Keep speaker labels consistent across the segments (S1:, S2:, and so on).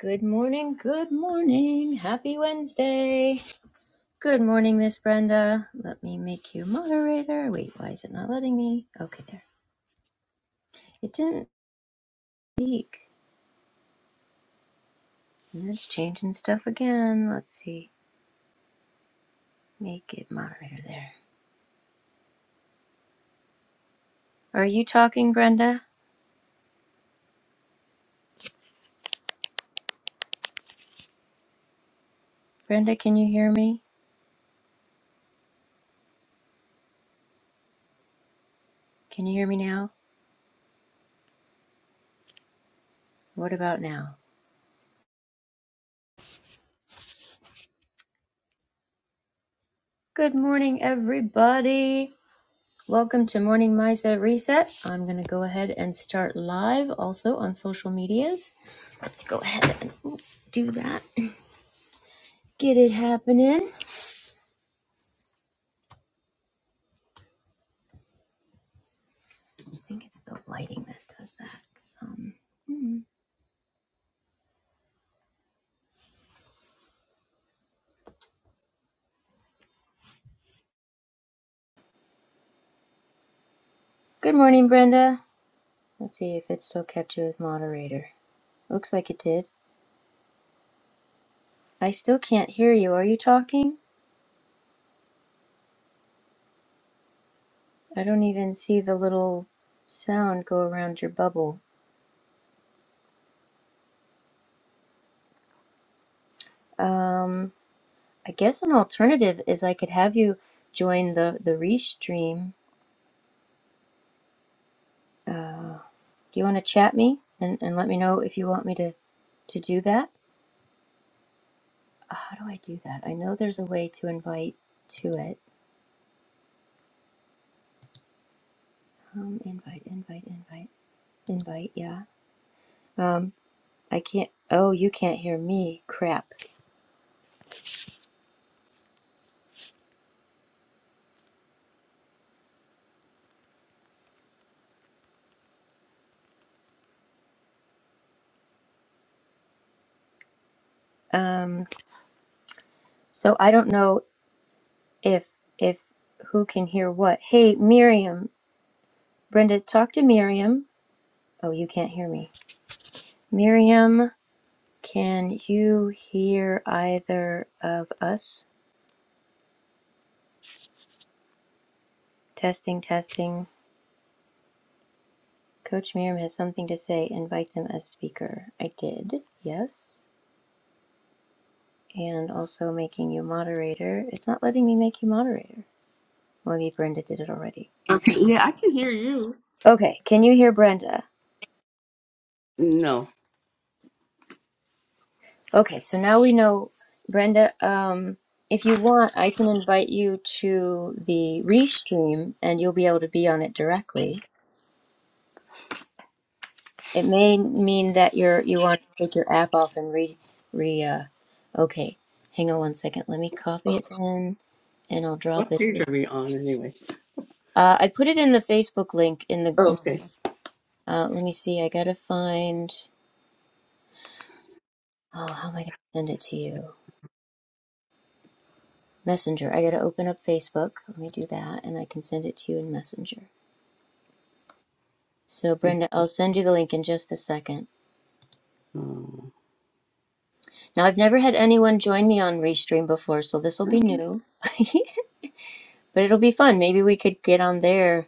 S1: Good morning, good morning. Happy Wednesday. Good morning, Miss Brenda. Let me make you moderator. Wait, why is it not letting me? Okay, there. It didn't speak. And it's changing stuff again. Let's see. Make it moderator there. Are you talking, Brenda? Brenda, can you hear me? Can you hear me now? What about now? Good morning, everybody. Welcome to Morning Misa Reset. I'm going to go ahead and start live also on social medias. Let's go ahead and ooh, do that. Get it happening. I think it's the lighting that does that. Um, mm. Good morning, Brenda. Let's see if it still kept you as moderator. Looks like it did. I still can't hear you. Are you talking? I don't even see the little sound go around your bubble. Um, I guess an alternative is I could have you join the the restream Uh, do you want to chat me and, and let me know if you want me to, to do that? Uh, How do I do that? I know there's a way to invite to it. Um, invite, invite, invite, invite. Yeah. Um, I can't. Oh, you can't hear me. Crap. Um, so I don't know if if who can hear what. Hey, Miriam, Brenda, talk to Miriam. Oh, you can't hear me. Miriam, can you hear either of us? Testing, testing. Coach Miriam has something to say. Invite them as speaker. I did, yes. And also making you moderator. It's not letting me make you moderator. Well, Maybe Brenda did it already.
S2: Okay, yeah, I can hear you.
S1: Okay, can you hear Brenda?
S2: No.
S1: Okay, so now we know, Brenda. Um, if you want, I can invite you to the restream, and you'll be able to be on it directly. It may mean that you're you want to take your app off and re re. Uh, okay, hang on one second. Let me copy it then, and I'll drop
S2: What
S1: it.
S2: page are we on anyway?
S1: Uh, I put it in the Facebook link in the.
S2: Oh,
S1: in-
S2: okay.
S1: Uh, let me see. I gotta find. Oh, how am I gonna send it to you? Messenger. I gotta open up Facebook. Let me do that, and I can send it to you in Messenger. So, Brenda, I'll send you the link in just a second.
S2: Oh,
S1: Now, I've never had anyone join me on Restream before, so this will be new, but it'll be fun. Maybe we could get on there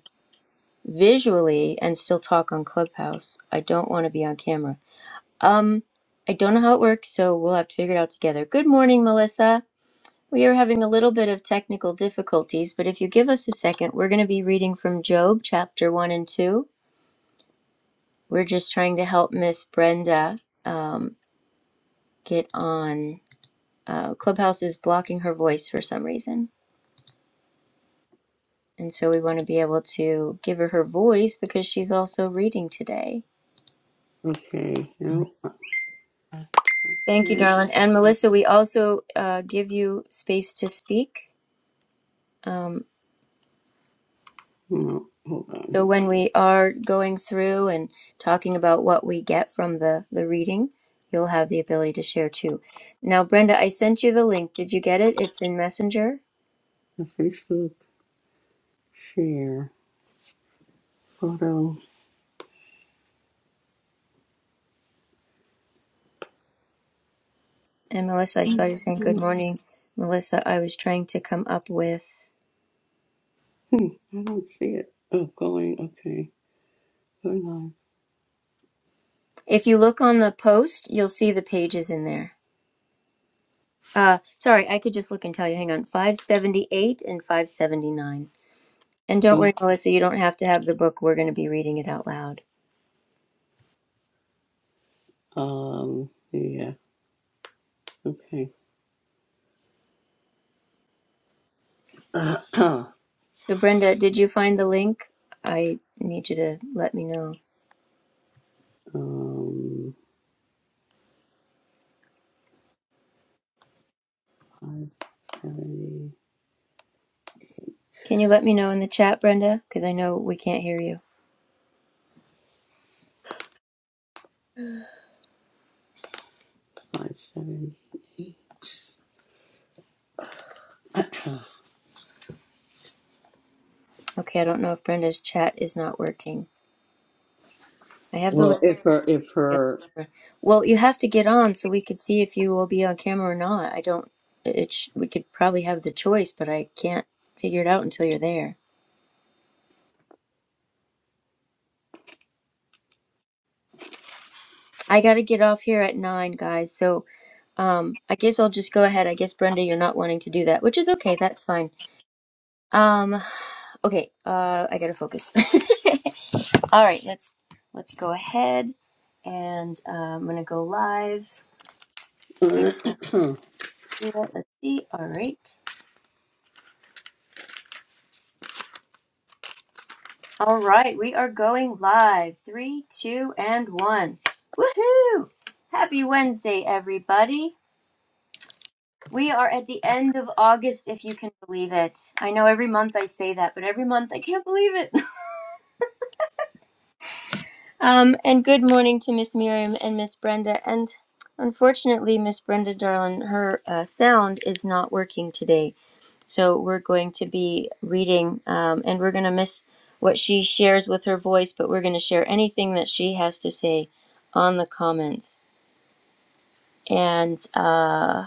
S1: visually and still talk on Clubhouse. I don't want to be on camera. Um, I don't know how it works, so we'll have to figure it out together. Good morning, Melissa. We are having a little bit of technical difficulties, but if you give us a second, we're going to be reading from Job chapter 1 and 2. We're just trying to help Miss Brenda um, get on. Uh, Clubhouse is blocking her voice for some reason. And so we want to be able to give her her voice because she's also reading today.
S2: okay, no.
S1: Thank you,
S2: And,
S1: darling. And Melissa, we also uh, give you space to speak. Um,
S2: no, hold on.
S1: So when we are going through and talking about what we get from the, the reading, you'll have the ability to share too. Now, Brenda, I sent you the link. Did you get it? It's in Messenger.
S2: The Facebook share photo.
S1: And Melissa, I
S2: Hmm,
S1: saw you saying
S2: I
S1: good morning. Melissa, I was trying to come up with.
S2: don't see it. Oh, going, okay. Going on.
S1: If you look on the post, you'll see the pages in there. Uh, sorry, I could just look and tell you. Hang on, 578 and 579. And don't
S2: Oh,
S1: worry, Melissa, you don't have to have the book. We're going to be reading it out loud.
S2: um, yeah, okay.
S1: So, Brenda, did you find the link? I need you to let me know.
S2: um, 570,
S1: Can you let me know in the chat, Brenda? Because I know we can't hear you. Okay, I don't know if Brenda's chat is not working. I have the
S2: well,
S1: link.
S2: if her, if
S1: Yeah.
S2: her.
S1: Well, you have to get on so we could see if you will be on camera or not. I don't. It sh- we could probably have the choice, but I can't figure it out until you're there. I gotta get off here at nine, guys. So um, I guess I'll just go ahead. I guess Brenda, you're not wanting to do that, which is okay. That's fine. Um, okay, uh, I gotta focus. All right, let's let's go ahead, and uh, I'm gonna go live. We do it. Let's see. All right, all right, we are going live. Three, two, and one. Woohoo! Happy Wednesday, everybody. We are at the end of August, if you can believe it. I know every month I say that, but every month I can't believe it. Um, and good morning to Miss Miriam and Miss Brenda. And unfortunately, Miss Brenda Darlin, her uh, sound is not working today. So we're going to be reading um, and we're going to miss what she shares with her voice, but we're going to share anything that she has to say on the comments. And uh,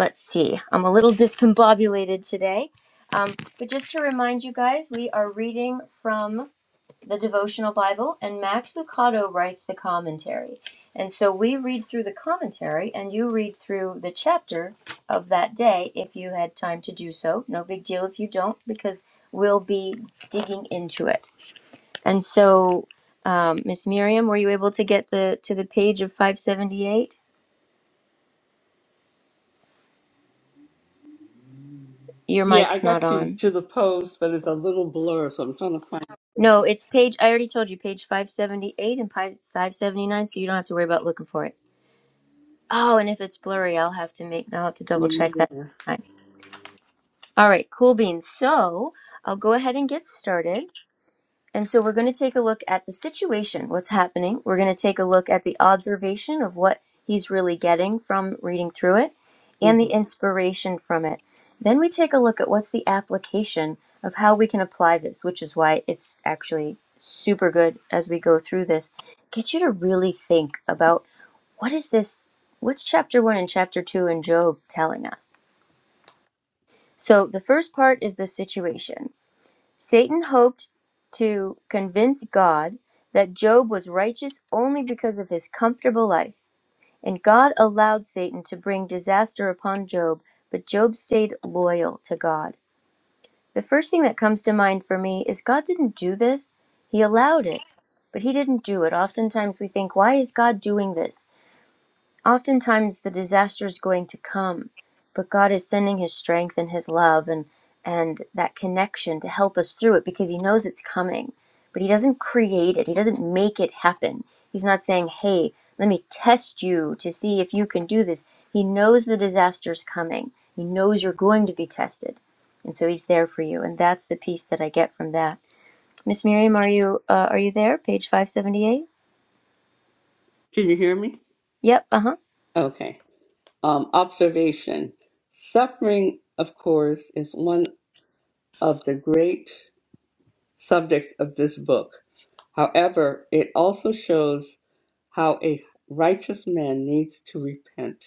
S1: let's see, I'm a little discombobulated today. Um, but just to remind you guys, we are reading from the devotional Bible, and Max Lucado writes the commentary. And so we read through the commentary, and you read through the chapter of that day if you had time to do so. No big deal if you don't, because we'll be digging into it. And so, um, Miss Miriam, were you able to get the to the page of 578? Your
S2: Yeah, I
S1: mic's not
S2: got to
S1: on.
S2: to the post, but it's a little blur, so I'm trying to find.
S1: No, it's page. I already told you, page 578 and pi- 579, so you don't have to worry about looking for it. Oh, and if it's blurry, I'll have to make, I'll have to double check that.
S2: Yeah.
S1: All right, cool beans. So I'll go ahead and get started. And so we're going to take a look at the situation, what's happening. We're going to take a look at the observation of what he's really getting from reading through it and
S2: hmm
S1: the inspiration from it. Then we take a look at what's the application of how we can apply this, which is why it's actually super good as we go through this. Get you to really think about what is this? What's chapter one and chapter two in Job telling us? So the first part is the situation. Satan hoped to convince God that Job was righteous only because of his comfortable life. And God allowed Satan to bring disaster upon Job, but Job stayed loyal to God. The first thing that comes to mind for me is God didn't do this, He allowed it, but He didn't do it. Oftentimes we think, why is God doing this? oftentimes the disaster is going to come but god is sending his strength and his love and and that connection to help us through it because he knows it's coming but he doesn't create it he doesn't make it happen he's not saying hey let me test you to see if you can do this he knows the disaster's coming he knows you're going to be tested and so he's there for you and that's the piece that i get from that miss miriam are you uh, are you there page 578
S2: Can you hear me?
S1: yep uh-huh
S2: Okay. Um, observation. Suffering, of course, is one of the great subjects of this book. However, it also shows how a righteous man needs to repent.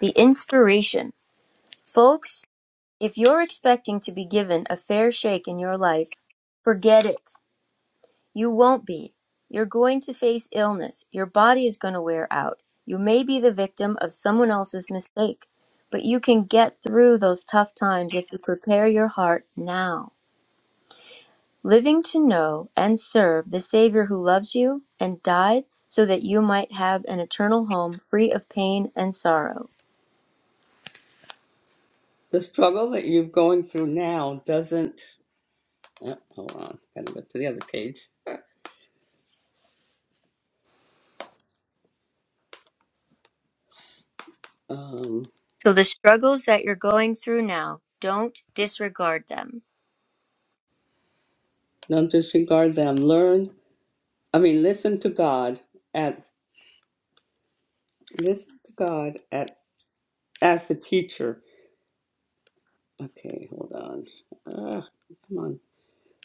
S1: the inspiration folks If you're expecting to be given a fair shake in your life, forget it. You won't be. You're going to face illness. Your body is going to wear out. You may be the victim of someone else's mistake, but you can get through those tough times if you prepare your heart now. Living to know and serve the Savior who loves you and died so that you might have an eternal home free of pain and sorrow.
S2: The struggle that you're going through now doesn't. uh, hold on, gotta go to the other page. Um,
S1: So, the struggles that you're going through now, don't disregard them.
S2: don't disregard them. Learn I mean, listen to God at listen to God at as the teacher. Okay, hold on. Ah, come on.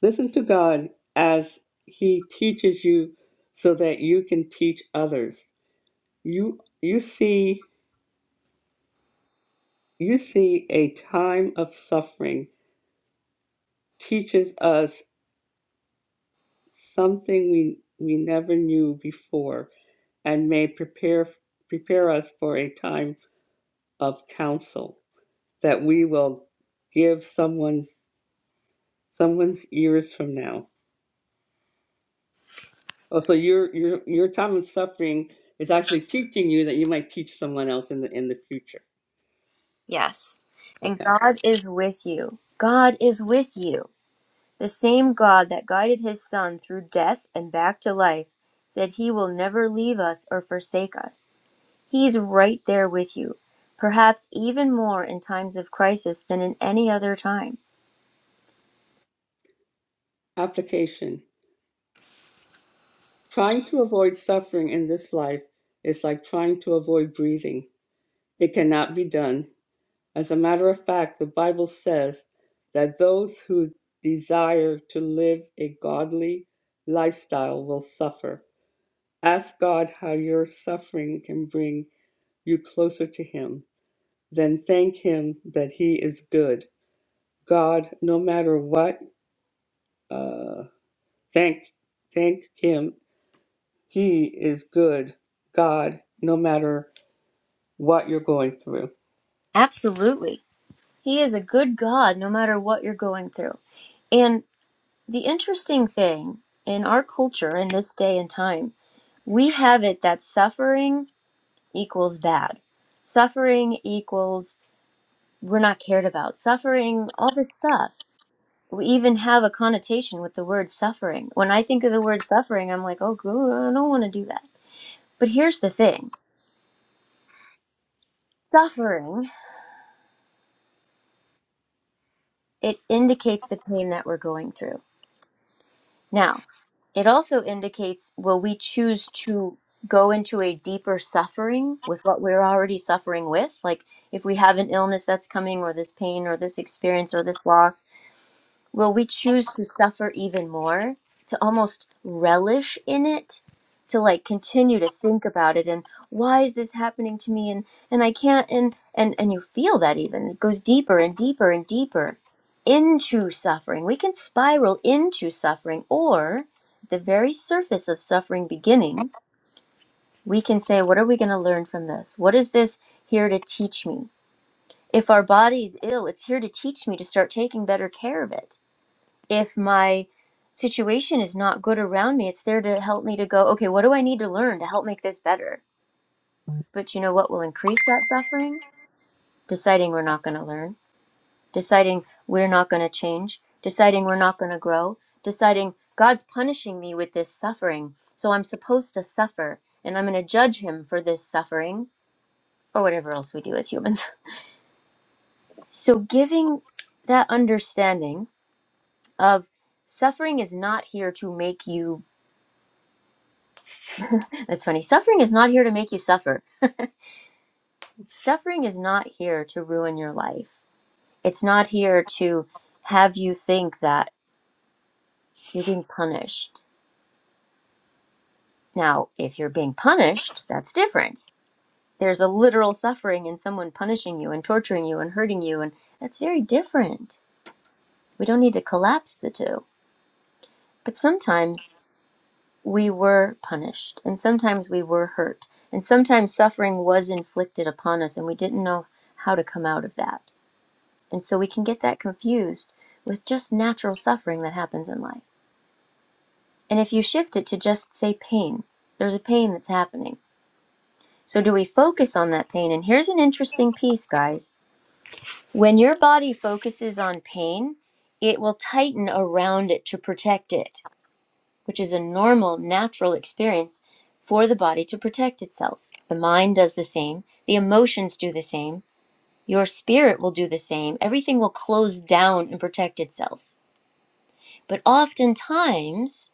S2: Listen to God as He teaches you, so that you can teach others. You you see you see a time of suffering teaches us something we we never knew before, and may prepare prepare us for a time of counsel. that we will give someone's someone's years from now. Oh, so your your your time of suffering is actually teaching you that you might teach someone else in the in the future.
S1: Yes. And
S2: Okay.
S1: God is with you. God is with you. The same God that guided his son through death and back to life said he will never leave us or forsake us. He's right there with you, perhaps even more in times of crisis than in any other time.
S2: Application. Trying to avoid suffering in this life is like trying to avoid breathing. It cannot be done. As a matter of fact, the Bible says that those who desire to live a godly lifestyle will suffer. Ask God how your suffering can bring you closer to Him, then thank Him that He is good. God, no matter what, uh, thank thank Him. He is good. God, no matter what you're going through.
S1: Absolutely. He is a good God no matter what you're going through. And the interesting thing in our culture in this day and time, we have it that suffering equals bad. Suffering equals we're not cared about. Suffering, all this stuff. We even have a connotation with the word suffering. When I think of the word suffering, I'm like, oh, goo, I don't want to do that. But here's the thing suffering, it indicates the pain that we're going through. Now, it also indicates will we choose to go into a deeper suffering with what we're already suffering with? Like if we have an illness that's coming, or this pain, or this experience, or this loss, will we choose to suffer even more, to almost relish in it, to like continue to think about it and why is this happening to me and and I can't and and and you feel that even it goes deeper and deeper and deeper into suffering. We can spiral into suffering or at the very surface of suffering beginning, we can say what are we going to learn from this? What is this here to teach me? If our body's ill, it's here to teach me to start taking better care of it if my situation is not good around me, it's there to help me to go, okay, what do I need to learn to help make this better? But you know what will increase that suffering? Deciding we're not going to learn, deciding we're not going to change, deciding we're not going to grow, deciding God's punishing me with this suffering. So I'm supposed to suffer and I'm going to judge him for this suffering or whatever else we do as humans. so giving that understanding of suffering is not here to make you That's funny. Suffering is not here to make you suffer. Suffering is not here to ruin your life. It's not here to have you think that you're being punished. Now, if you're being punished, that's different. There's a literal suffering in someone punishing you and torturing you and hurting you, and that's very different. We don't need to collapse the two. But sometimes we were punished, and sometimes we were hurt, and sometimes suffering was inflicted upon us, and we didn't know how to come out of that And so we can get that confused with just natural suffering that happens in life. And if you shift it to just say pain, there's a pain that's happening. So do we focus on that pain? And here's an interesting piece, guys. When your body focuses on pain, it will tighten around it to protect it, which is a normal, natural experience for the body to protect itself. The mind does the same, the emotions do the same, your spirit will do the same. Everything will close down and protect itself But oftentimes,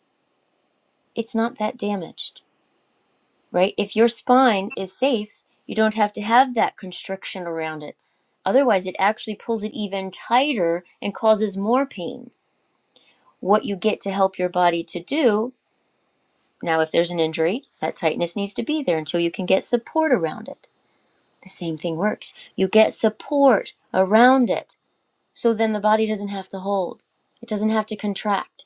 S1: it's not that damaged, right? If your spine is safe, you don't have to have that constriction around it. Otherwise, it actually pulls it even tighter and causes more pain. What you get to help your body to do now, if there's an injury, that tightness needs to be there until you can get support around it. The same thing works. You get support around it, so then the body doesn't have to hold, it doesn't have to contract.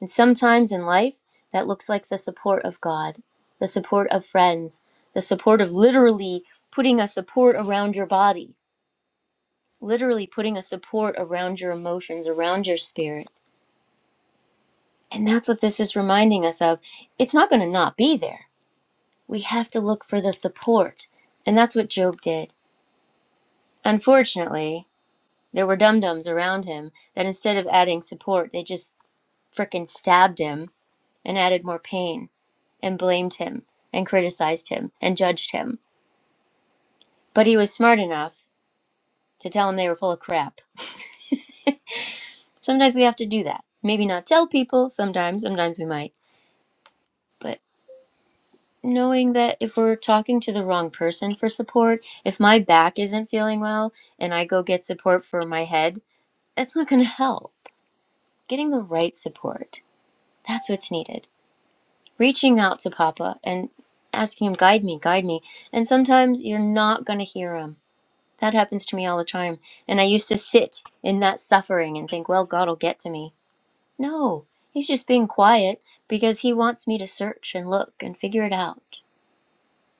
S1: And sometimes in life, that looks like the support of God, the support of friends, the support of literally putting a support around your body, literally putting a support around your emotions, around your spirit. And that's what this is reminding us of. It's not going to not be there. We have to look for the support. And that's what Job did. Unfortunately, there were dum dums around him that instead of adding support, they just frickin' stabbed him and added more pain and blamed him and criticized him and judged him. But he was smart enough to tell them they were full of crap. sometimes we have to do that. Maybe not tell people sometimes, sometimes we might. But knowing that if we're talking to the wrong person for support, if my back isn't feeling well and I go get support for my head, that's not going to help. Getting the right support, that's what's needed. reaching out to Papa and asking him, guide me, guide me. And sometimes you're not going to hear him. That happens to me all the time. And I used to sit in that suffering and think, well, God will get to me. No, he's just being quiet because he wants me to search and look and figure it out.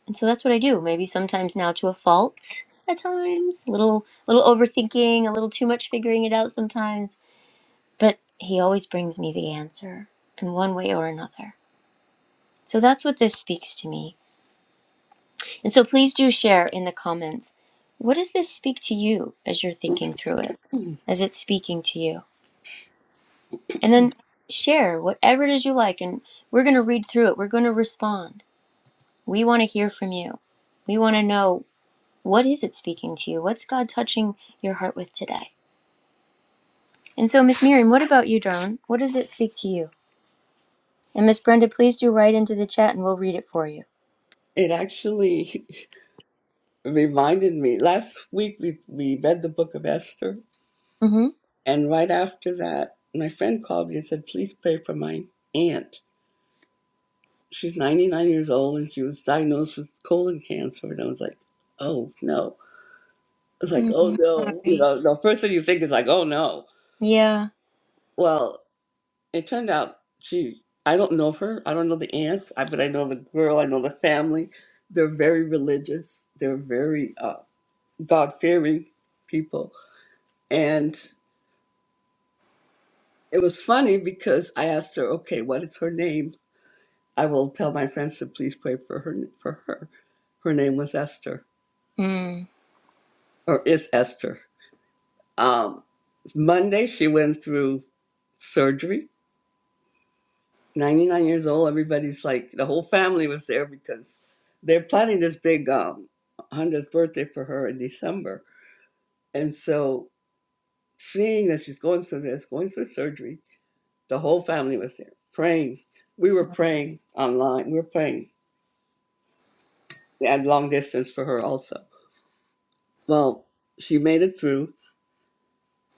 S1: And so that's what I do. Maybe sometimes now to a fault at times, a little, little overthinking, a little too much figuring it out sometimes. But he always brings me the answer in one way or another. So that's what this speaks to me And so please do share in the comments what does this speak to you as you're thinking through it, as it's speaking to you? And then share whatever it is you like, and we're going to read through it. We're going to respond. We want to hear from you. We want to know what is it speaking to you? What's God touching your heart with today? And so, Miss Miriam, what about you, Dawn? What does it speak to you? And Miss Brenda, please do write into the chat and we'll read it for you.
S2: It actually reminded me. Last week we, we read the book of Esther,
S1: Mm
S2: and right after that, my friend called me and said, "Please pray for my aunt. She's 99 years old, and she was diagnosed with colon cancer." And I was like, "Oh no!" It's like,
S1: hmm.
S2: oh
S1: Mm,
S2: no, you
S1: sorry.
S2: know, the first thing you think is like, oh no.
S1: Yeah.
S2: Well, it turned out she, I don't know her. I don't know the aunt, I, but I know the girl. I know the family. They're very religious. They're very uh, God-fearing people. And it was funny because I asked her, okay, what is her name? I will tell my friends to please pray for her. For her, her name was Esther,
S1: Mm
S2: or is Esther. Um, Monday she went through surgery 99 years old. Everybody's like, the whole family was there because they're planning this big um, 100th birthday for her in December. And so, seeing that she's going through this, going through surgery, the whole family was there praying. We were praying online, we were praying at long distance for her also. Well, she made it through.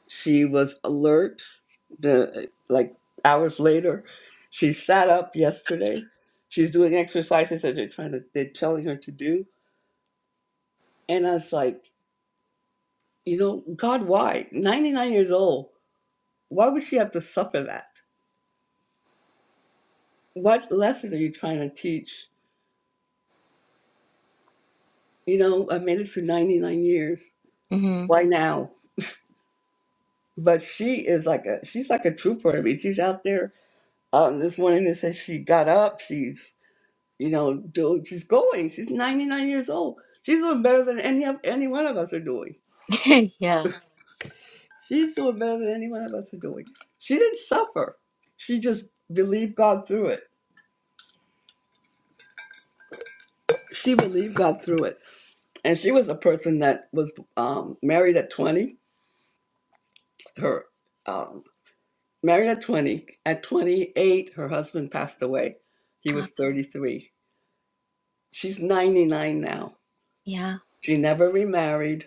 S2: She was alert. The like hours later, she sat up yesterday. She's doing exercises that they're trying to, they're telling her to do And I was like, you know, God, why? 99 years old. Why would she have to suffer that? What lesson are you trying to teach? You know, I made it through 99 years.
S1: hmm.
S2: Why now? But she is like a, she's like a trooper. I mean, she's out there. Um, this morning they said she got up. She's, you know, doing, she's going. She's 99 years old. She's doing better than any of, any one of us are doing.
S1: yeah.
S2: She's doing better than any one of us are doing. She didn't suffer. She just believed God through it she believed God through it. And she was a person that was um, married at 20. Her um, married at 20. At 28, her husband passed away. He was 33. She's 99 now.
S1: Yeah.
S2: She never remarried,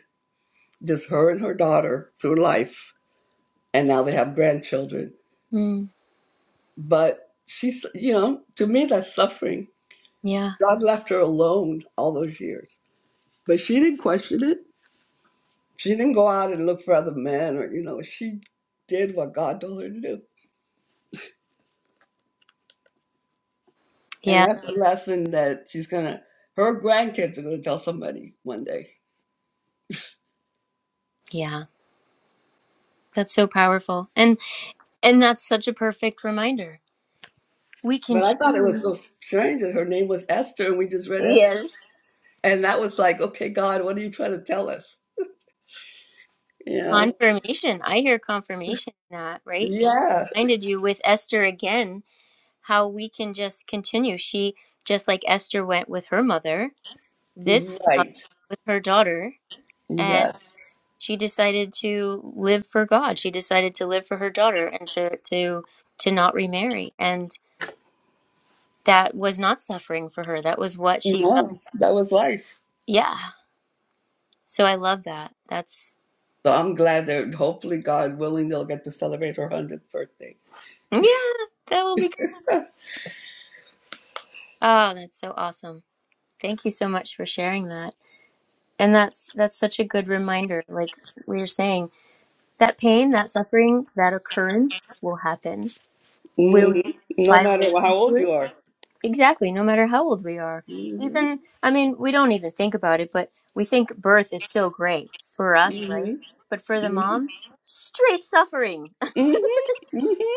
S2: just her and her daughter through life. And now they have grandchildren.
S1: Mm,
S2: But she's, you know, to me, that's suffering.
S1: yeah,
S2: God left her alone all those years. But she didn't question it. She didn't go out and look for other men or, you know, she did what God told her to do. And
S1: yeah,
S2: that's a lesson that she's going to, her grandkids are going to tell somebody one day.
S1: yeah. That's so powerful. And and that's such a perfect reminder. We can
S2: But I thought it was
S1: choose.
S2: so strange that her name was Esther and we just read Esther.
S1: Yes.
S2: And that was like, okay, God, what are you trying to tell us? You know?
S1: Confirmation. I hear confirmation in that, right? He
S2: Yeah.
S1: reminded you with Esther again how we can just continue. She just like Esther went with her mother, this mother
S2: Right.
S1: with her daughter, and
S2: Yes.
S1: she decided to live for God. She decided to live for her daughter and to to to not remarry. And that was not suffering for her. That was what she felt.
S2: No, that was life.
S1: Yeah. So I love that. That's,
S2: So I'm glad that hopefully, God willing, they'll get to celebrate her 100th birthday.
S1: yeah, that will be good. Oh, that's so awesome. Thank you so much for sharing that. And that's that's such a good reminder. Like we were saying, that pain, that suffering, that occurrence will happen. Will
S2: Mhm. No matter
S1: spiral
S2: how
S1: into
S2: old you
S1: it.
S2: are.
S1: Exactly, no matter how old we are.
S2: Mhm.
S1: Even I mean, we don't even think about it, but we think birth is so great for us, right?
S2: Mhm.
S1: But for the
S2: Mhm.
S1: mom, straight suffering
S2: Mhm.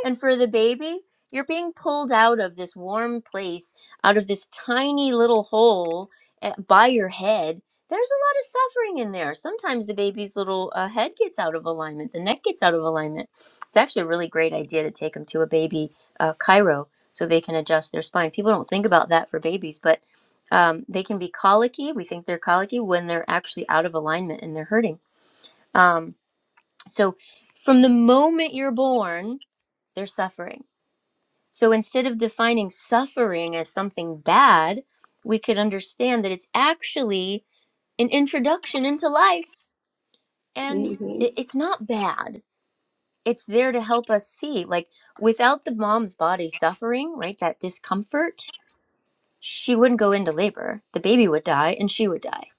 S1: And for the baby, you're being pulled out of this warm place, out of this tiny little hole eh, by your head. There's a lot of suffering in there. Sometimes the baby's little uh, head gets out of alignment, the neck gets out of alignment. It's actually a really great idea to take them to a baby uh, chiro so they can adjust their spine. People don't think about that for babies, but um, they can be colicky. We think they're colicky when they're actually out of alignment and they're hurting. Um, so, from the moment you're born, they're suffering so instead of defining suffering as something bad, we could understand that it's actually an introduction into life and
S2: Mhm.
S1: i- it's not bad. It's there to help us see. Like without the mom's body suffering, right, that discomfort, she wouldn't go into labor. The baby would die and she would die.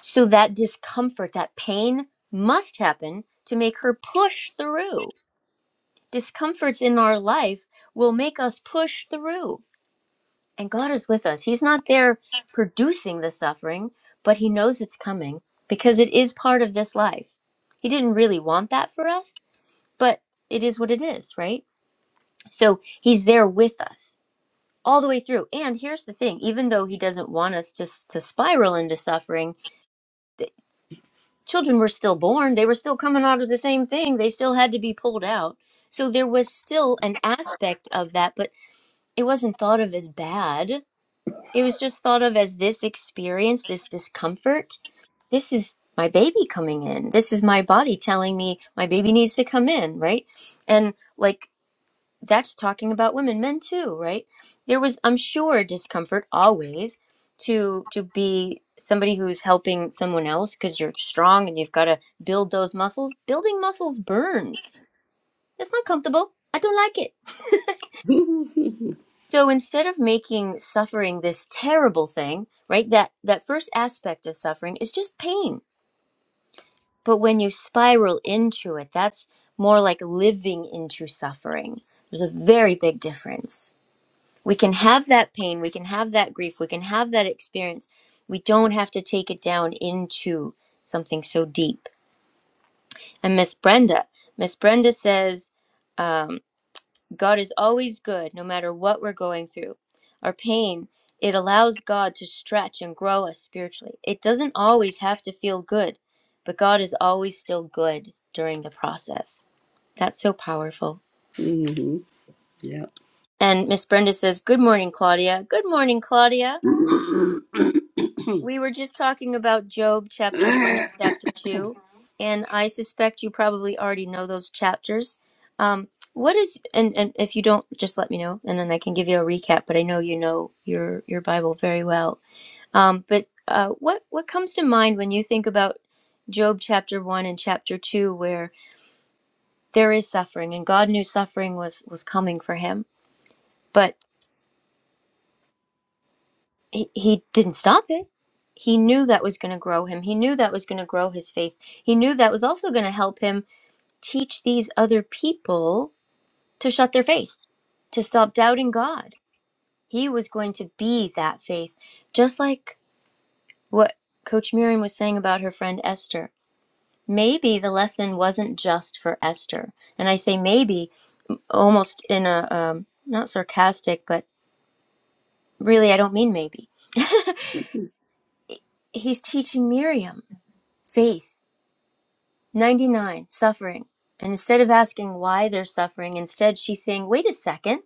S1: So that discomfort, that pain must happen to make her push through. Discomforts in our life will make us push through And God is with us. He's not there producing the suffering, but He knows it's coming because it is part of this life. He didn't really want that for us, but it is what it is, right? So He's there with us all the way through. And here's the thing even though He doesn't want us to, to spiral into suffering, the children were still born. They were still coming out of the same thing. They still had to be pulled out. So there was still an aspect of that, but it wasn't thought of as bad It was just thought of as this experience, this discomfort. This is my baby coming in. This is my body telling me my baby needs to come in, right? And like that's talking about women, men too, right? There was, I'm sure, discomfort always to to be somebody who's helping someone else because you're strong and you've got to build those muscles. Building muscles burns. That's not comfortable. I don't like it.
S2: Mhm.
S1: So instead of making suffering this terrible thing, right? That that first aspect of suffering is just pain. But when you spiral into it, that's more like living into suffering. There's a very big difference. We can have that pain, we can have that grief, we can have that experience. We don't have to take it down into something so deep. And Miss Brenda, Miss Brenda says, um, God is always good no matter what we're going through. Our pain, it allows God to stretch and grow us spiritually. It doesn't always have to feel good, but God is always still good during the process. That's so powerful.
S2: Mhm. Yep.
S1: And Miss Brenda says, Good morning, Claudia. Good morning, Claudia. We were just talking about Job chapter 1 and chapter 2, and I suspect you probably already know those chapters. Um, what is and, and if you don't just let me know and then I can give you a recap, but I know you know your your Bible very well. Um, but uh, what what comes to mind when you think about Job chapter 1 and chapter 2 where there is suffering and God knew suffering was was coming for him, but he, he didn't stop it. He knew that was going to grow him. He knew that was going to grow his faith. He knew that was also going to help him teach these other people to shut their face, to stop doubting God. He was going to be that faith, just like what Coach Miriam was saying about her friend Esther. Maybe the lesson wasn't just for Esther. And I say maybe almost in a um, not sarcastic, but really, I don't mean maybe. He's teaching Miriam faith 99. Suffering. And instead of asking why they're suffering, instead she's saying, wait a second,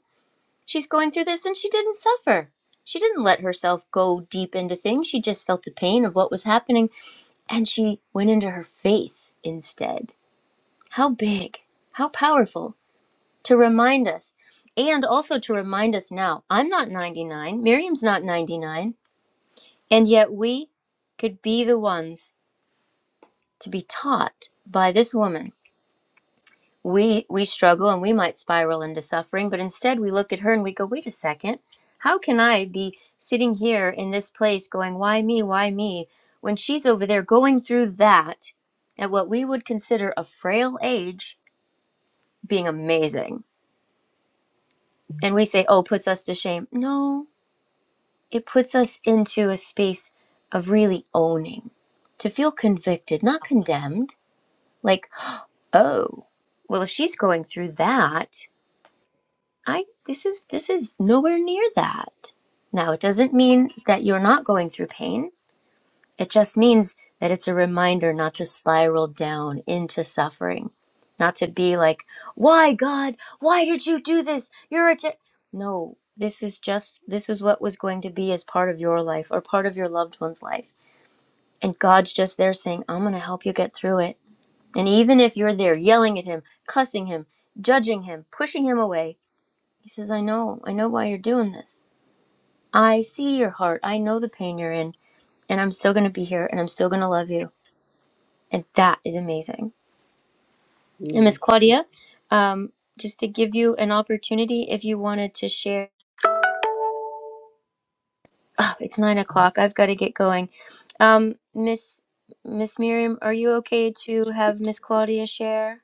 S1: she's going through this and she didn't suffer. She didn't let herself go deep into things. She just felt the pain of what was happening and she went into her faith instead. How big, how powerful to remind us. And also to remind us now, I'm not 99, Miriam's not 99, and yet we could be the ones to be taught by this woman we we struggle and we might spiral into suffering but instead we look at her and we go wait a second how can i be sitting here in this place going why me why me when she's over there going through that at what we would consider a frail age being amazing and we say oh puts us to shame no it puts us into a space of really owning to feel convicted not condemned like oh well if she's going through that I this is this is nowhere near that. Now, it doesn't mean that you're not going through pain. It just means that it's a reminder not to spiral down into suffering, not to be like, "Why God? Why did you do this? You're a t-" No, this is just this is what was going to be as part of your life or part of your loved one's life. And God's just there saying, "I'm going to help you get through it." And even if you're there yelling at him, cussing him, judging him, pushing him away, he says, I know, I know why you're doing this. I see your heart. I know the pain you're in, and I'm still going to be here and I'm still going to love you. And that is amazing. And Miss Claudia, um, just to give you an opportunity if you wanted to share. Oh, it's nine o'clock. I've got to get going. Um, Miss Miss Miriam, are you okay to have Miss Claudia share?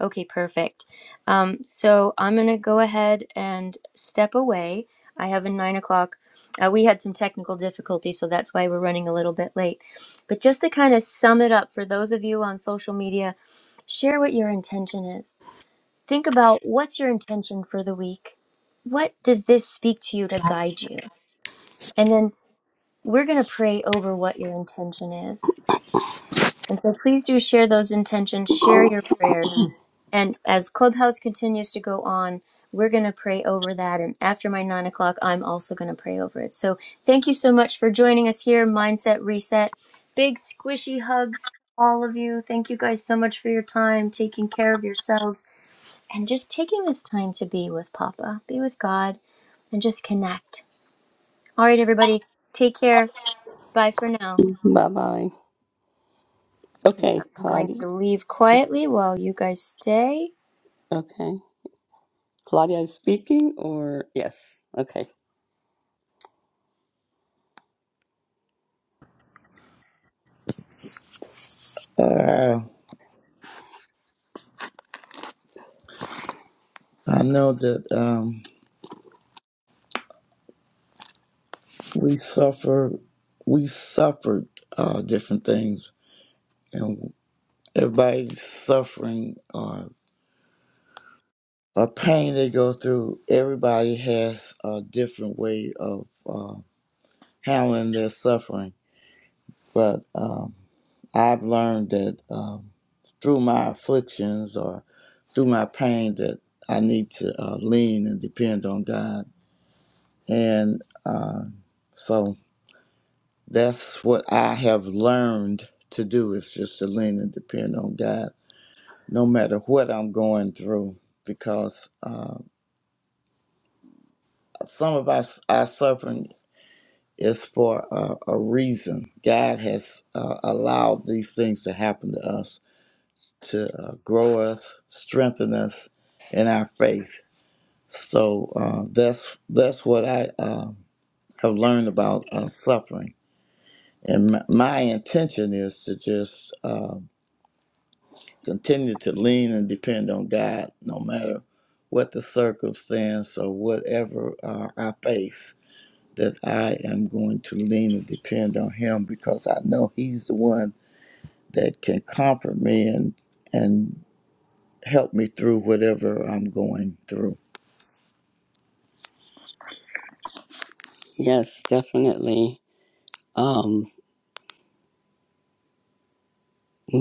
S1: Okay, perfect. Um, so I'm going to go ahead and step away. I have a nine o'clock. Uh, we had some technical difficulties, so that's why we're running a little bit late. But just to kind of sum it up for those of you on social media, share what your intention is. Think about what's your intention for the week? What does this speak to you to guide you? And then we're going to pray over what your intention is. And so please do share those intentions, share your prayers And as Clubhouse continues to go on, we're going to pray over that. And after my nine o'clock, I'm also going to pray over it. So thank you so much for joining us here, Mindset Reset. Big squishy hugs, all of you. Thank you guys so much for your time, taking care of yourselves, and just taking this time to be with Papa, be with God, and just connect. All right, everybody, take care. Bye for now.
S2: Bye bye. Okay,
S1: I'm going
S2: Claudia.
S1: to leave quietly while you guys stay.
S2: Okay. Claudia is speaking or yes. Okay.
S3: Uh, I know that um, we suffer, we suffered uh, different things, and everybody's suffering or a pain they go through. Everybody has a different way of uh, handling their suffering, but um, I've learned that um, through my afflictions or through my pain that I need to uh, lean and depend on God, and uh, so. That's what I have learned to do is just to lean and depend on God, no matter what I'm going through, because uh, some of us our suffering is for a, a reason. God has uh, allowed these things to happen to us to uh, grow us, strengthen us in our faith. So uh, that's that's what I uh, have learned about uh, suffering, and my, my intention is to just. Uh, Continue to lean and depend on God no matter what the circumstance or whatever uh, I face, that I am going to lean and depend on Him because I know He's the one that can comfort me and, and help me through whatever I'm going through.
S2: Yes, definitely. Um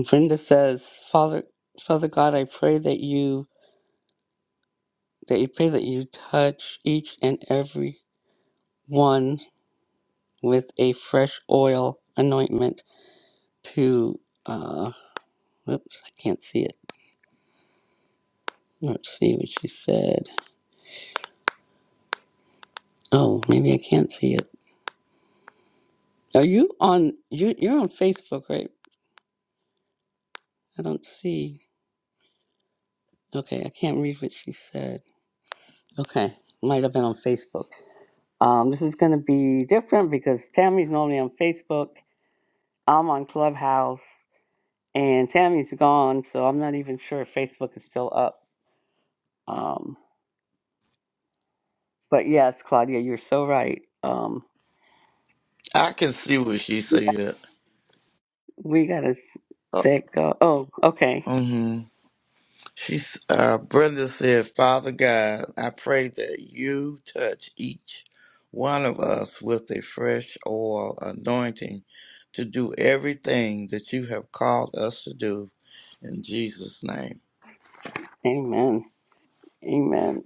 S2: Brenda says, Father Father God, I pray that you that you pray that you touch each and every one with a fresh oil anointment to uh whoops i can't see it let's see what she said oh maybe i can't see it are you on you you're on facebook right i don't see okay i can't read what she said okay might have been on facebook um this is going to be different because tammy's normally on facebook i'm on clubhouse and tammy's gone so i'm not even sure if facebook is still up um but yes claudia you're so right um
S3: I can see what she said.
S2: We gotta
S3: Uh,
S2: set go. Oh, okay.
S3: mhm. She's uh, Brenda said, Father God, I pray that you touch each one of us with a fresh oil anointing to do everything that you have called us to do in Jesus' name.
S2: Amen. Amen.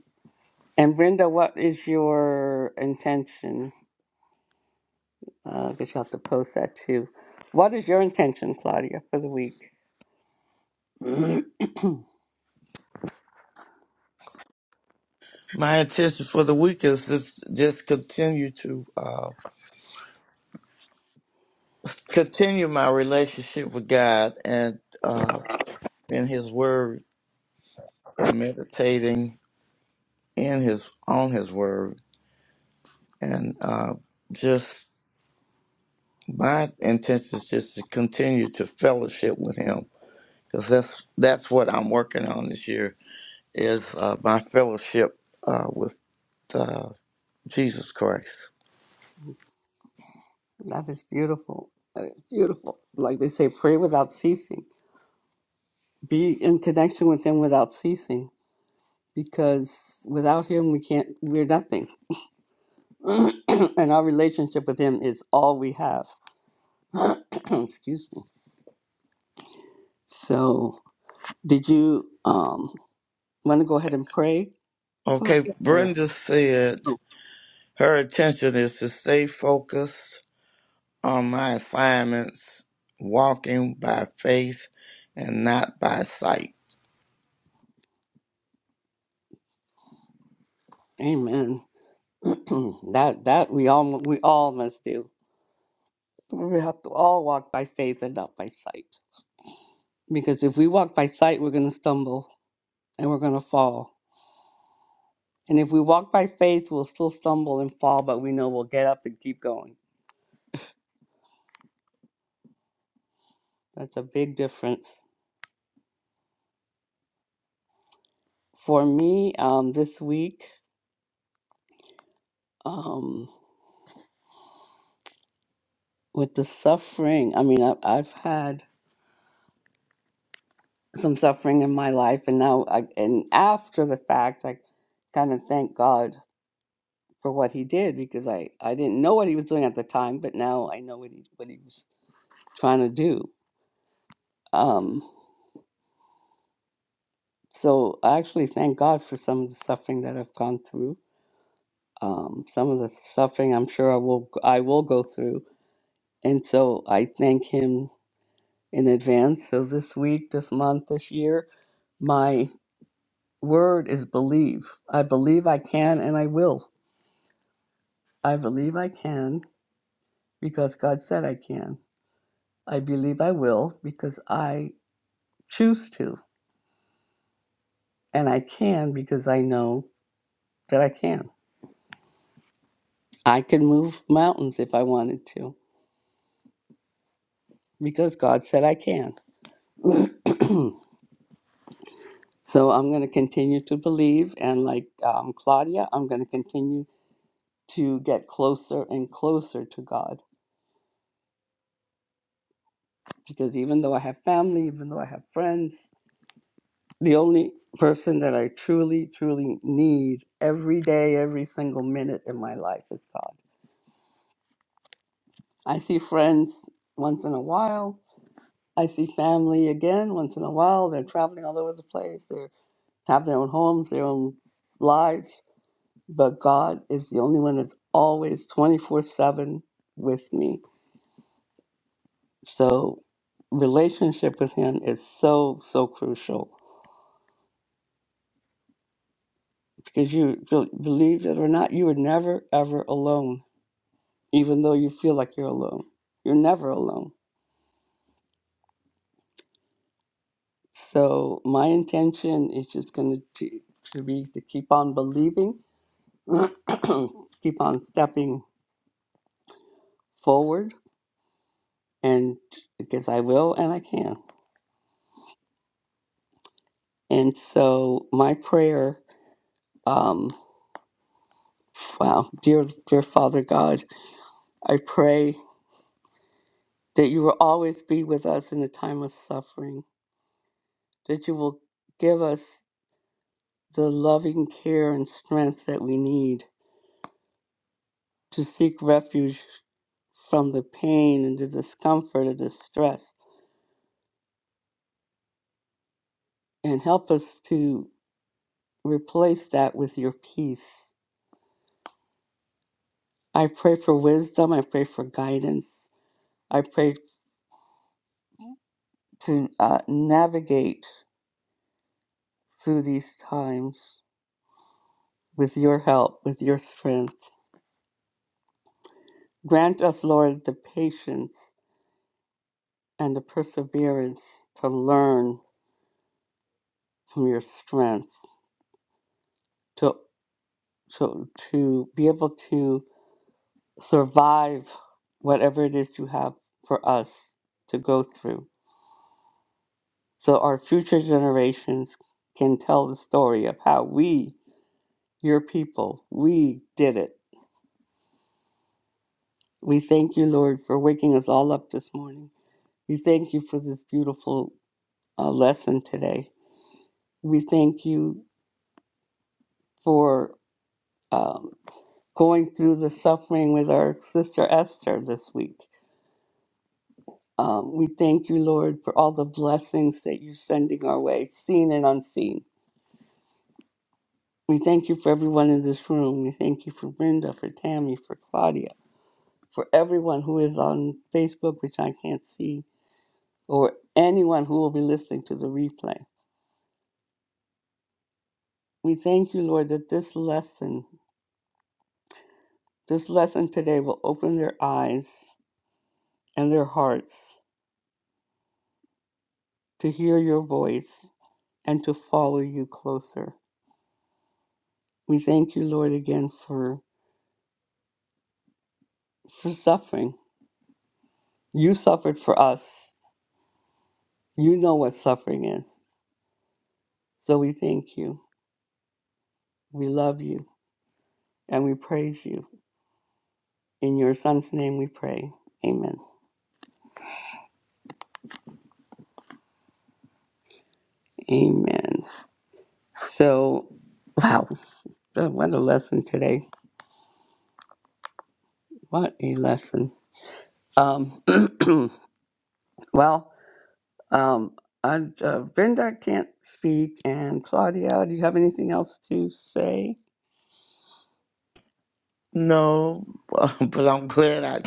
S2: And Brenda, what is your intention? Uh, I guess you'll have to post that too. What is your intention, Claudia, for the week?
S3: My intention for the week is just, just continue to uh, continue my relationship with God and uh, in His Word and meditating in His on His Word and uh, just My intention is just to continue to fellowship with him because that's that's what I'm working on this year is uh, my fellowship uh, with uh, Jesus Christ.
S2: That is beautiful. That is beautiful. Like they say, pray without ceasing. Be in connection with Him without ceasing, because without Him, we can't. We're nothing, and our relationship with Him is all we have. Excuse me. So Did you um want to go ahead and pray,
S3: Okay,
S2: Claudia? Or
S3: Brenda said
S2: oh,
S3: her intention is to stay focused on my assignments, walking by faith and not by sight.
S2: Amen. that that we all we all must do. We have to all walk by faith and not by sight. Because if we walk by sight, we're going to stumble and we're going to fall. And if we walk by faith, we'll still stumble and fall, but we know we'll get up and keep going. That's a big difference for me. Um, this week, um, with the suffering, I mean, I, I've had some suffering in my life and now I, and after the fact i kind of thank god for what he did because i i didn't know what he was doing at the time but now i know what he what he was trying to do um so i actually thank god for some of the suffering that i've gone through um some of the suffering i'm sure i will i will go through and so i thank him in advance so this week this month this year my word is believe i believe i can and i will I believe I can because God said I can. I believe I will because I choose to. And I can because I know that I can. I can move mountains if I wanted to because God said I can. so I'm going to continue to believe. And like um, Claudia, I'm going to continue to get closer and closer to God because even though I have family, even though I have friends, the only person that I truly, truly need every day, every single minute in my life is God. I see friends once in a while. I see family again once in a while. They're traveling all over the place. They have their own homes, their own lives. But God is the only one that's always 24 7 with me. So, relationship with Him is so, so crucial because you believe it or not, you are never, ever alone even though you feel like you're alone. You're never alone. So my intention is just going to to be to keep on believing, keep on stepping forward, and because I will and I can. And so my prayer, um, wow, dear dear Father God, I pray that you will always be with us in the time of suffering. That you will give us the loving care and strength that we need to seek refuge from the pain and the discomfort and distress, and help us to replace that with your peace. I pray for wisdom. I pray for guidance. I pray to uh, navigate through these times with your help, with your strength. Grant us, Lord, the patience and the perseverance to learn from your strength, to, to, to be able to survive whatever it is you have for us to go through so our future generations can tell the story of how we, your people, we did it. We thank you, Lord, for waking us all up this morning. We thank you for this beautiful uh, lesson today. We thank you for um, going through the suffering with our sister Esther this week. Um, we thank you, Lord, for all the blessings that you're sending our way, seen and unseen. We thank you for everyone in this room. We thank you for Brenda, for Tammy, for Claudia, for everyone who is on Facebook, which I can't see, or anyone who will be listening to the replay. We thank you, Lord, that this lesson, this lesson today will open their eyes and their hearts to hear your voice and to follow you closer. We thank you, Lord, again for for suffering. You suffered for us. You know what suffering is. So we thank you. We love you. and we praise you. In your son's name we pray. Amen. Amen. So, wow, Uh, what a lesson today. What a lesson. Um, well, um, I, uh, Brenda can't speak, and Claudia, do you have anything else to say?
S3: No, but I'm glad I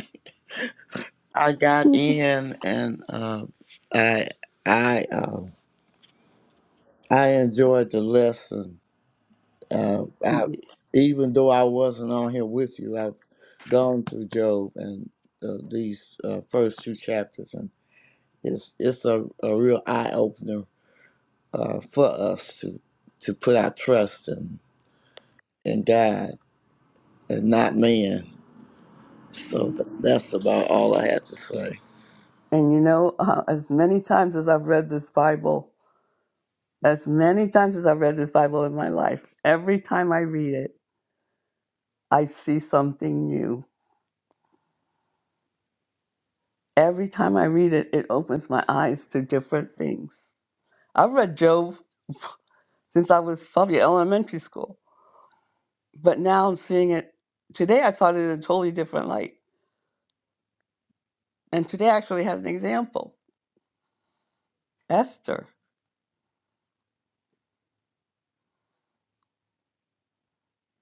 S3: I got in and uh, I I. uh, I enjoyed the lesson. Uh, I,
S2: And
S3: even though I wasn't on here with you, I've gone through Job and uh, these uh, first two chapters, and it's it's a, a real eye opener uh, for us to to put our trust in in God and not man. So th- that's about all I had to say.
S2: you know, uh, as many times as I've read this Bible, as many times as I've read this Bible in my life, every time I read it, I see something new Every time I read it, it opens my eyes to different things. I've read Job since I was probably elementary school, but now I'm seeing it. Today I saw it in a totally different light. And today I actually had an example Esther,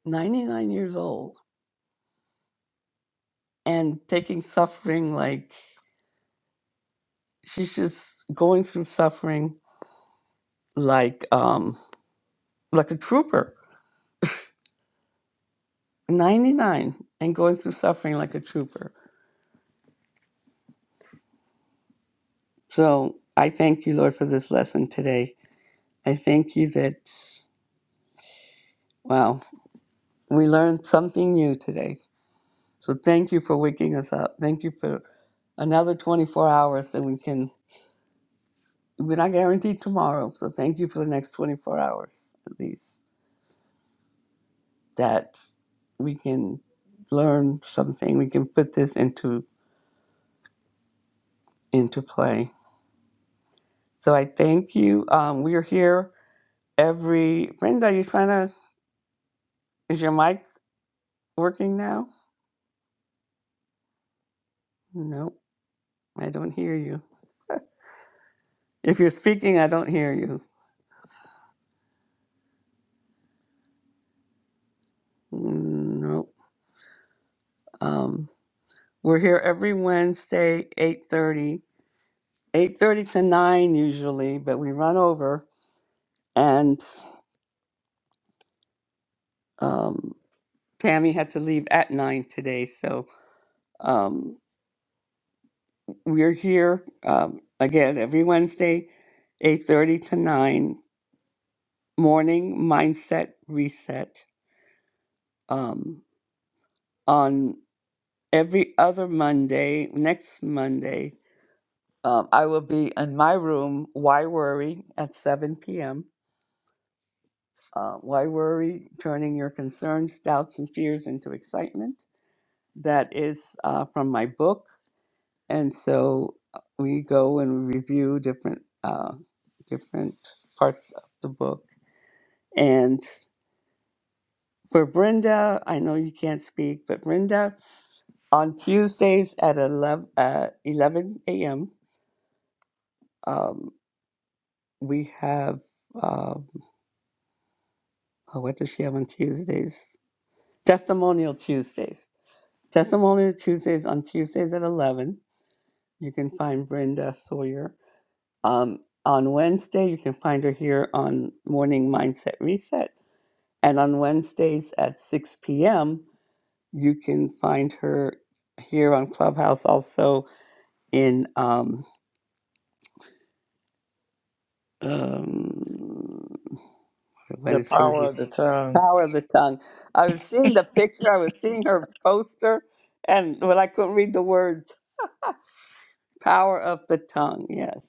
S2: 99 years old, and taking suffering like she's just going through suffering like um, like a trooper, 99, and going through suffering like a trooper. So I thank you, Lord, for this lesson today I thank you that, wow, we learned something new today. So thank you for waking us up. Thank you for another 24 hours that we can, we're not guaranteed tomorrow. So thank you for the next 24 hours at least that we can learn something. We can put this into into play. So I thank you. Um, we are here every. Brenda, are you trying to? Is your mic working now? Nope, I don't hear you. If you're speaking, I don't hear you. Mm, Nope. Um, we're here every Wednesday, eight thirty, eight thirty to 9 usually, but we run over. And um, Tammy had to leave at 9 today. So um, we're here um, again every Wednesday, 8.30 to 9. Morning Mindset Reset um, on every other Monday, next Monday. Um, I will be in my room, Why Worry, at 7 p.m Uh, why worry? Turning your concerns, doubts, and fears into excitement. That is uh, from my book, and so uh, we go and we review different uh, different parts of the book. And for Brenda, I know you can't speak, but Brenda, on Tuesdays at eleven at eleven a.m. Um, we have uh, oh, what does she have on Tuesdays? Testimonial Tuesdays. Testimonial Tuesdays on Tuesdays at eleven You can find Brenda Sawyer um, on Wednesday. You can find her here on Morning Mindset Reset. And on Wednesdays at 6 p.m., you can find her here on Clubhouse also in um, um, what
S3: The
S2: is her
S3: power of the tongue.
S2: Power of the Tongue. I was seeing the picture, I was seeing her poster, and well, I couldn't read the words Power of the Tongue, yes.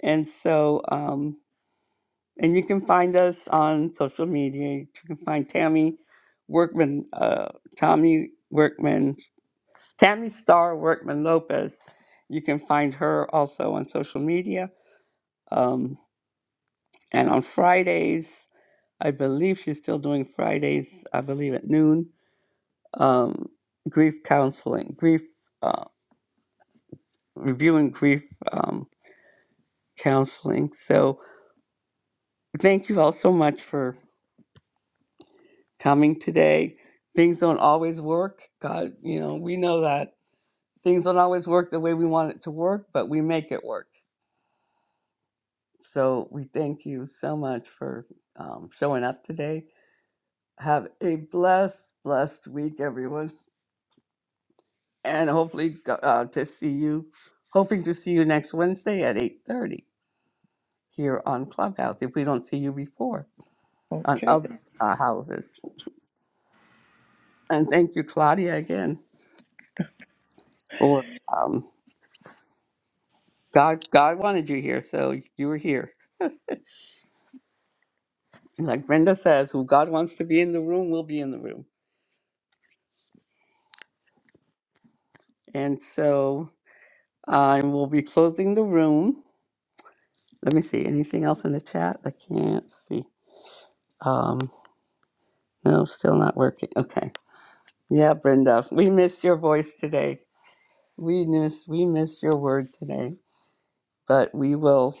S2: And so. um, And you can find us on social media. You can find Tammy Workman, uh, Tommy Workman, Tammy Star Workman Lopez. You can find her also on social media. Um, and on Fridays, I believe she's still doing Fridays, I believe at noon, um, grief counseling, grief, uh, reviewing grief um, counseling. So thank you all so much for coming today. Things don't always work. God, you know, we know that things don't always work the way we want it to work, but we make it work. So we thank you so much for um, showing up today. Have a blessed, blessed week, everyone, and hopefully uh, to see you. Hoping to see you next Wednesday at eight thirty here on Clubhouse. If we don't see you before on
S3: Okay.
S2: other uh, houses, and thank you, Claudia, again for. um, God God wanted you here, so you were here. And like Brenda says, who God wants to be in the room will be in the room. And so I will be closing the room. Let me see. Anything else in the chat? I can't see. Um, no, still not working. Okay. Yeah, Brenda, we missed your voice today. We miss, we missed your word today. But we will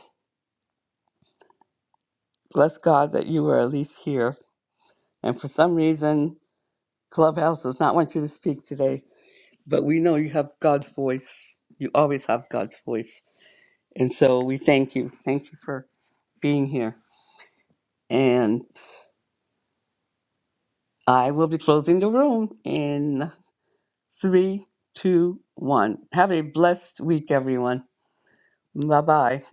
S2: bless God that you were at least here. And for some reason, Clubhouse does not want you to speak today But we know you have God's voice. You always have God's voice. And so we thank you. Thank you for being here. And I will be closing the room in three, two, one. Have a blessed week, everyone. Bye bye.